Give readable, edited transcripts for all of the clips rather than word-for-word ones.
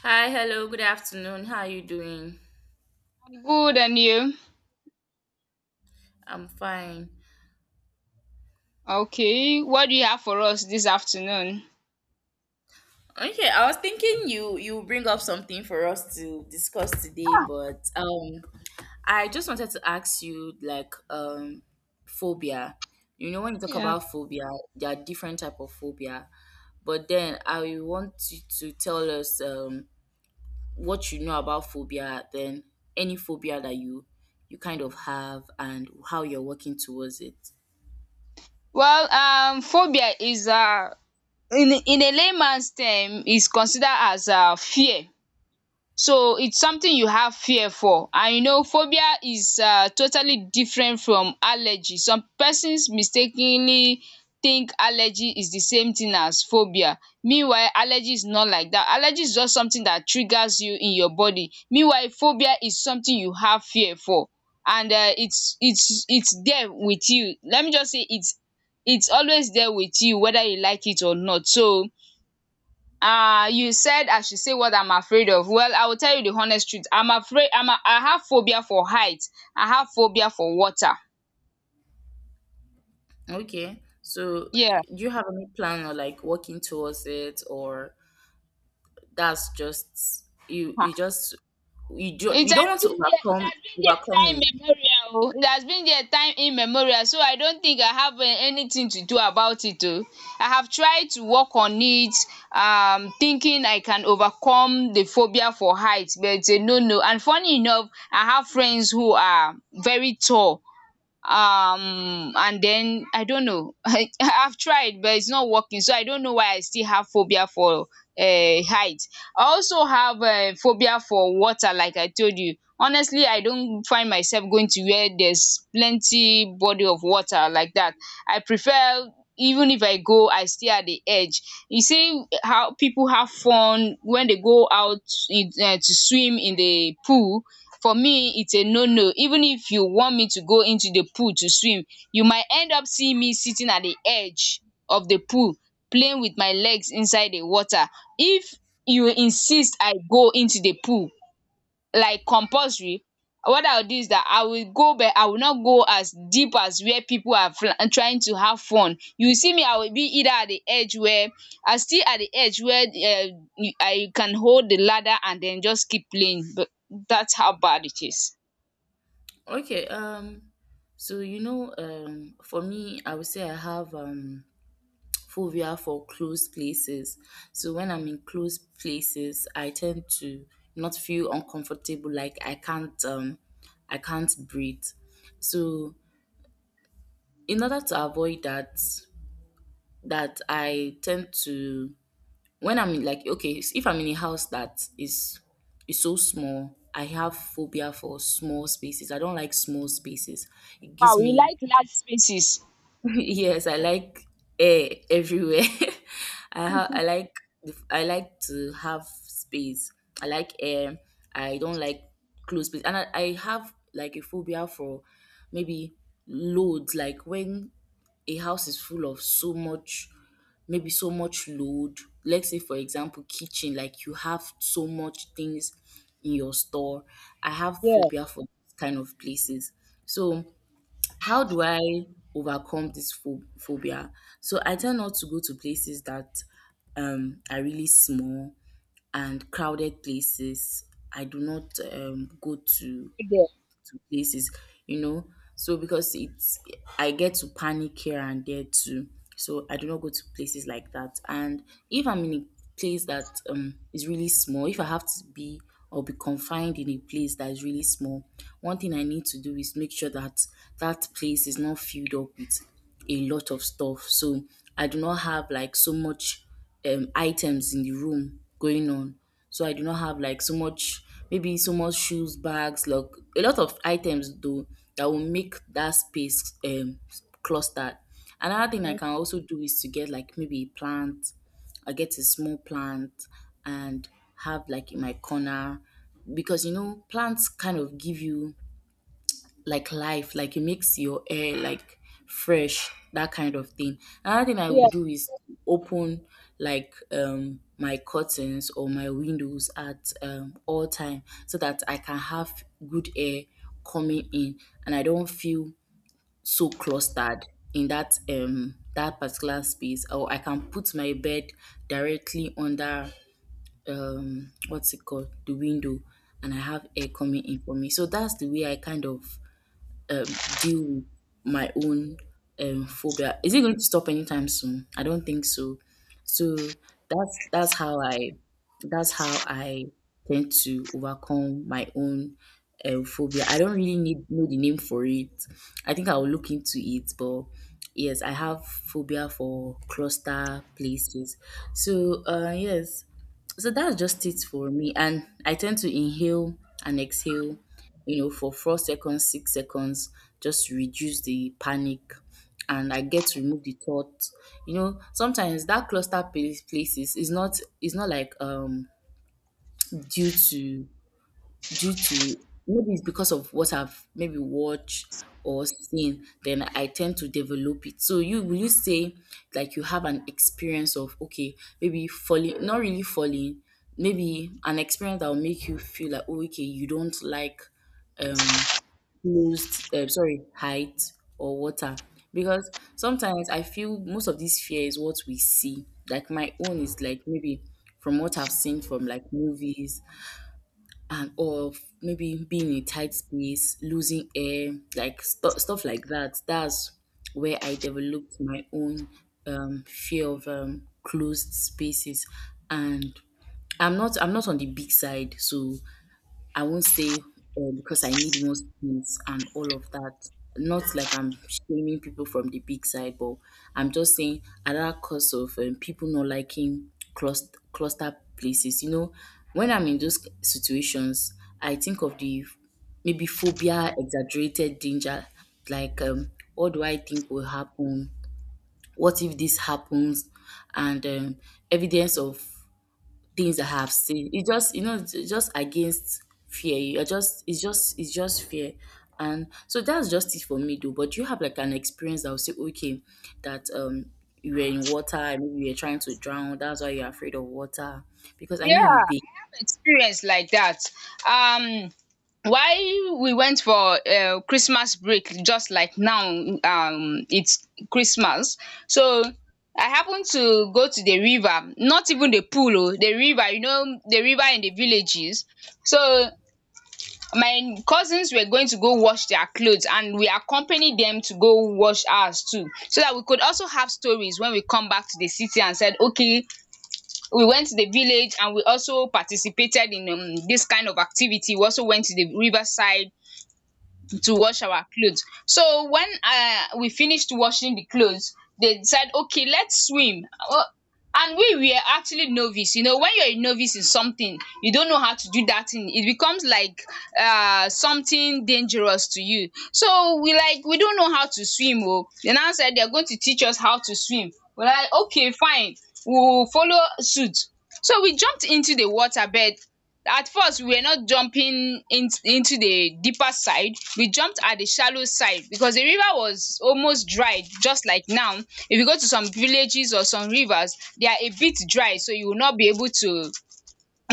Hi, hello, good afternoon. How are you doing? Good, and you? I'm fine. Okay. What do you have for us this afternoon? Okay, I was thinking you bring up something for us to discuss today, but I just wanted to ask you like phobia. You know, when you talk Yeah. about phobia, there are different type of phobia. But then I want you to tell us what you know about phobia, then any phobia that you kind of have and how you're working towards it. Well, phobia is in a layman's term is considered as fear. So it's something you have fear for, and you know phobia is totally different from allergy. Some persons mistakenly think allergy is the same thing as phobia, meanwhile allergy is not like that. Allergy is just something that triggers you in your body, meanwhile phobia is something you have fear for, and it's there with you. Let me just say it's always there with you whether you like it or not. So you said I should say what I'm afraid of. Well, I will tell you the honest truth, I'm afraid, I have phobia for height. I have phobia for water. Okay. So Yeah. do you have any plan or like working towards it, or that's just you Ah. just you do, It you don't has want to been there. It overcome has been there overcome time it. immemorial, oh. It has been there time immemorial, so I don't think I have anything to do about it, oh. I have tried to work on it, thinking I can overcome the phobia for height, but it's a no no. And funny enough, I have friends who are very tall, and then I don't know. I've tried, but it's not working, so I don't know why I still have phobia for height. I also have phobia for water. Like I told you, honestly I don't find myself going to where there's plenty body of water like that. I prefer, even if I go, I stay at the edge. You see how people have fun when they go out to swim in the pool. For me it's a no no. Even if you want me to go into the pool to swim, you might end up seeing me sitting at the edge of the pool, playing with my legs inside the water. If you insist I go into the pool, like compulsory, what I will do is that I will go, but I will not go as deep as where people are trying to have fun. You see me, I will be either at the edge where I still at the edge where I can hold the ladder and then just keep playing, but that's how bad it is. Okay. So you know, for me, I would say I have phobia for closed places. So when I'm in closed places, I tend to not feel uncomfortable, like I can't breathe. So in order to avoid that, I tend to when I'm in like, okay, if I'm in a house that is so small, I have phobia for small spaces. I don't like small spaces. It Wow, gives you me like large spaces. yes, I like air everywhere. I like I like to have space. I like air. I don't like close space, and I have like a phobia for maybe loads. Like when a house is full of so much, maybe so much load. Let's say, for example, kitchen. Like you have so much things in your store. I have Yeah. phobia for those kind of places. So how do I overcome this phobia? So I tend not to go to places that are really small and crowded places. I do not go Good there. to places, you know. So because it's I get to panic here and there too. So I do not go to places like that. And if I'm in a place that is really small, if I have to be or be confined in a place that is really small, one thing I need to do is make sure that that place is not filled up with a lot of stuff. So I do not have like so much items in the room going on. So I do not have like so much, maybe so much shoes, bags, like a lot of items, though, that will make that space clustered. Another thing I can also do is to get like maybe a plant. I get a small plant and have like in my corner, because you know, plants kind of give you like life, like it makes your air like fresh, that kind of thing. Another thing I Yeah. would do is open like my curtains or my windows at all time, so that I can have good air coming in and I don't feel so clustered in that that particular space. Or I can put my bed directly under what's it called, the window, and I have air coming in for me. So that's the way I kind of deal with my own phobia. Is it going to stop anytime soon? I don't think so. So that's how I that's how I tend to overcome my own phobia. I don't really need know the name for it. I think I will look into it, but yes, I have phobia for cluster places. So yes, so that's just it for me. And I tend to inhale and exhale, you know, for 4 seconds, 6 seconds, just to reduce the panic. And I get to remove the thought. You know, sometimes that cluster places is not like due to due to maybe it's because of what I've maybe watched or seen, then I tend to develop it. So you will you say like you have an experience of, okay, maybe falling, not really falling, maybe an experience that will make you feel like, oh, okay, you don't like um closed sorry, height or water. Because sometimes I feel most of this fear is what we see. Like my own is like maybe from what I've seen from like movies and or maybe being in a tight space, losing air, like stuff like that. That's where I developed my own fear of closed spaces, and I'm not on the big side, so I won't say because I need more space and all of that. Not like I'm shaming people from the big side, but I'm just saying at that cost of people not liking cluster places. You know, when I'm in those situations, I think of the maybe phobia, exaggerated danger, like what do I think will happen? What if this happens? And evidence of things I have seen. It just, you know, it's just against fear. You're just it's just it's just fear. And so that's just it for me, though. But do you have like an experience that will say, okay, that you were in water and maybe you were trying to drown, that's why you're afraid of water? Because I mean, you Yeah, bathe. experience like that. Um, while we went for Christmas break, just like now, it's Christmas. So I happened to go to the river, not even the pool, oh, the river, you know, the river in the villages. So my cousins were going to go wash their clothes, and we accompanied them to go wash ours too, so that we could also have stories when we come back to the city and said okay, we went to the village and we also participated in this kind of activity. We also went to the riverside to wash our clothes. So when we finished washing the clothes, they decide okay, let's swim, um and we were actually novice. You know when you're a novice in something, you don't know how to do that thing. It becomes like something dangerous to you. So we, like, we don't know how to swim, oh. They now said they are going to teach us how to swim. We're like okay fine, we will follow suit. So we jumped into the water bed. At first we were not jumping in into the deeper side, we jumped at the shallow side because the river was almost dried just like now. If you go to some villages or some rivers, they are a bit dry, so you will not be able to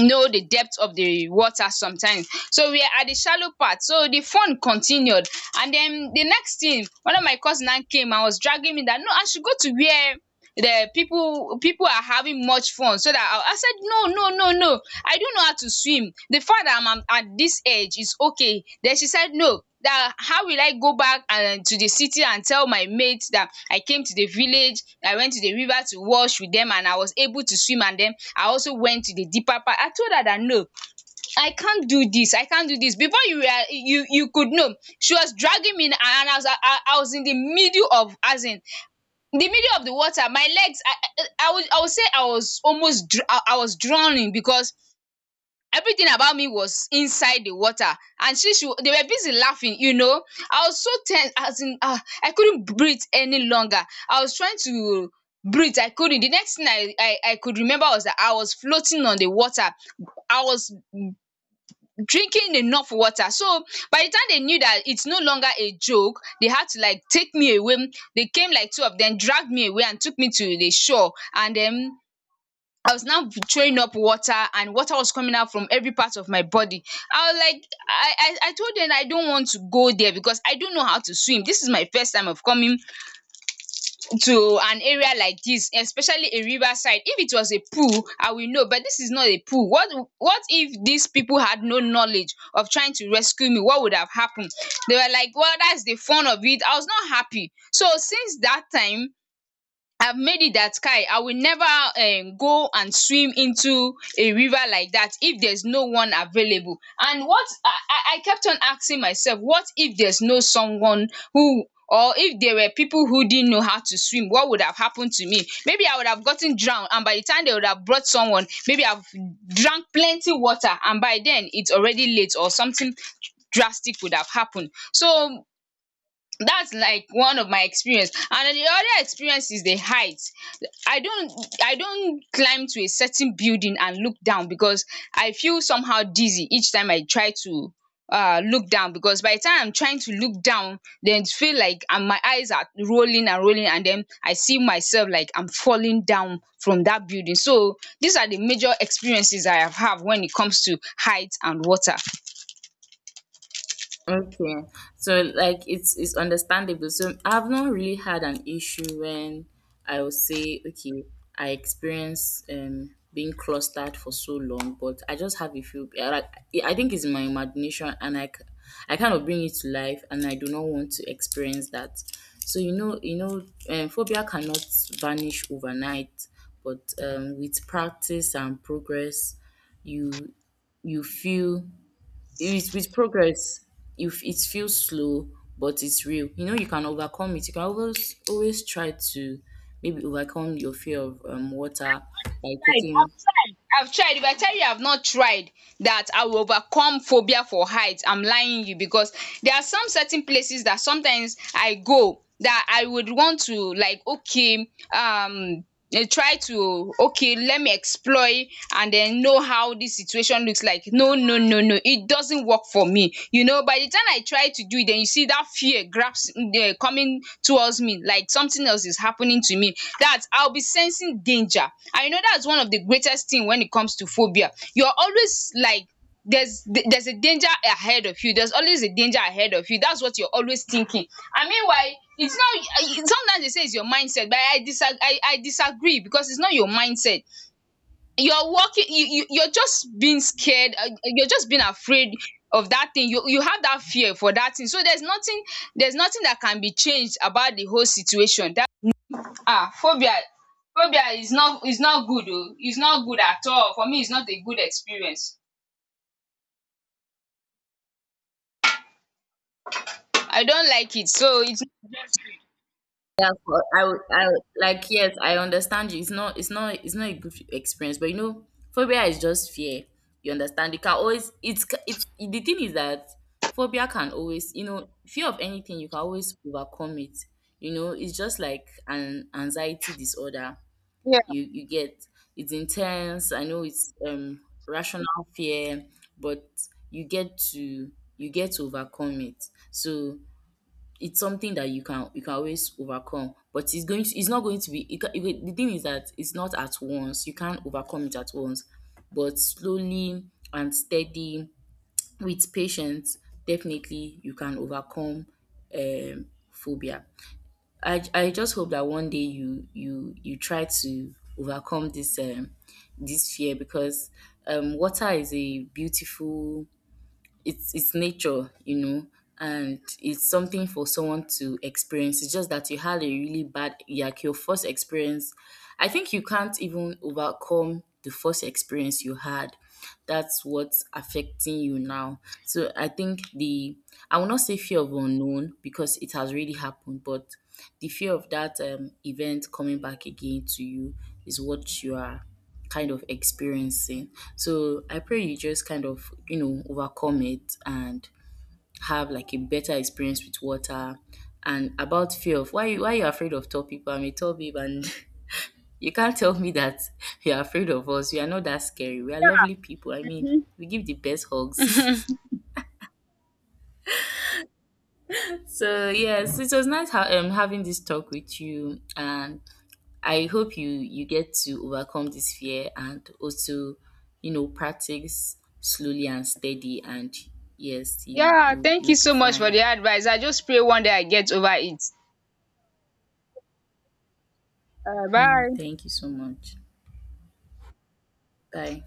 know the depth of the water sometimes. So we are at the shallow part, so the fun continued. And then the next thing, one of my cousins now came and was dragging me that no, I should go to where the people are having much fun, so that I said no no no no, I do know how to swim. The fact that I'm at this age is okay. Then she said no, that how will I go back and to the city and tell my mate that I came to the village, I went to the river to wash with them and I was able to swim and then I also went to the deeper part. I told her that no, I can't do this. I can't do this. Before you you could know, she was dragging me and I was I, was in the middle of, as in, the middle of the water. My legs, I would I would say I was almost I was drowning because everything about me was inside the water. And they were busy laughing, you know. I was so tense, as in ah, I couldn't breathe any longer. I was trying to breathe, I couldn't. The next thing I could remember was that I was floating on the water. I was drinking enough water. So by the time they knew that it's no longer a joke, they had to like take me away. They came like two of them, dragged me away and took me to the shore, and then I was now throwing up water and water was coming out from every part of my body. I was like, I told them I don't want to go there because I don't know how to swim. This is my first time of coming to an area like this, especially a riverside. If it was a pool, I will know, but this is not a pool. What if these people had no knowledge of trying to rescue me? What would have happened? They were like, well, that's the fun of it. I was not happy. So since that time, I've made it that Kai, I will never go and swim into a river like that if there's no one available. And what I kept on asking myself, what if there's no someone who, or if there were people who didn't know how to swim, what would have happened to me? Maybe I would have gotten drowned, and by the time they would have brought someone, maybe I've drank plenty water, and by then it's already late or something drastic would have happened. So that's like one of my experience, and the other experience is the height. I don't, I don't climb to a certain building and look down because I feel somehow dizzy each time I try to look down, because by the time I'm trying to look down, then it feel like, and my eyes are rolling and rolling, and then I see myself like I'm falling down from that building. So these are the major experiences I have when it comes to height and water. Okay, so like it's understandable. So I've not really had an issue when I would say, okay, I experience being clustered for so long, but I just have a few. I like, I think it's my imagination, and I kind of bring it to life, and I do not want to experience that. So you know, phobia cannot vanish overnight, but with practice and progress, you you feel with, progress, if it feels slow, but it's real. You know, you can overcome it. You can always always try to maybe overcome your fear of water by Tried, taking. I've tried, I've tried. If I tell you I've not tried that I will overcome phobia for heights, I'm lying you, because there are some certain places that sometimes I go that I would want to, like okay, um try to, okay let me explore it and then know how this situation looks like. No no no no, it doesn't work for me, you know. By the time I try to do it, then you see that fear grabs, coming towards me like something else is happening to me, that I'll be sensing danger. I know that's one of the greatest thing when it comes to phobia, you're always like, there's there's a danger ahead of you, there's always a danger ahead of you, that's what you're always thinking. And meanwhile it's not, sometimes they say it's your mindset, but I I disagree because it's not your mindset. You're walking, you're just being scared, you're just being afraid of that thing. You have that fear for that thing, so there's nothing, there's nothing that can be changed about the whole situation. That, ah, phobia, phobia is not good, oh, it's not good at all. For me, it's not a good experience. I don't like it, so it's. Yeah, I would- like yes, I understand you. It's not it's not a good experience, but you know, phobia is just fear. You understand? You can always it's it's the thing is that phobia can always, you know, fear of anything, you can always overcome it. You know, it's just like an anxiety disorder. Yeah. You get it's intense. I know it's rational fear, but you get to you get to overcome it. So it's something that you can always overcome, but it's going to it's not going to be it, the thing is that it's not at once. You can't overcome it at once, but slowly and steady, with patience, definitely you can overcome um phobia. I just hope that one day you try to overcome this this fear, because water is a beautiful it's nature, you know, and it's something for someone to experience. It's just that you had a really bad like your first experience. I think you can't even overcome the first experience you had. That's what's affecting you now. So I think the I will not say fear of unknown because it has already happened, but the fear of that event coming back again to you is what you are kind of experiencing. So I pray you just kind of, you know, overcome it and have like a better experience with water. And about fear of why you're afraid of tall people. I'm a tall babe, and you can't tell me that you're afraid of us. We are not that scary. We are lovely people. I mean, Mhm. we give the best hugs. So yes, it was nice having this talk with you, and I hope you get to overcome this fear, and also, you know, practice slowly and steady, and yes, you Yeah, you thank you you'll be so much for fine. the advice. I just pray one day I get over it. Mm, bye. thank you so much. Bye.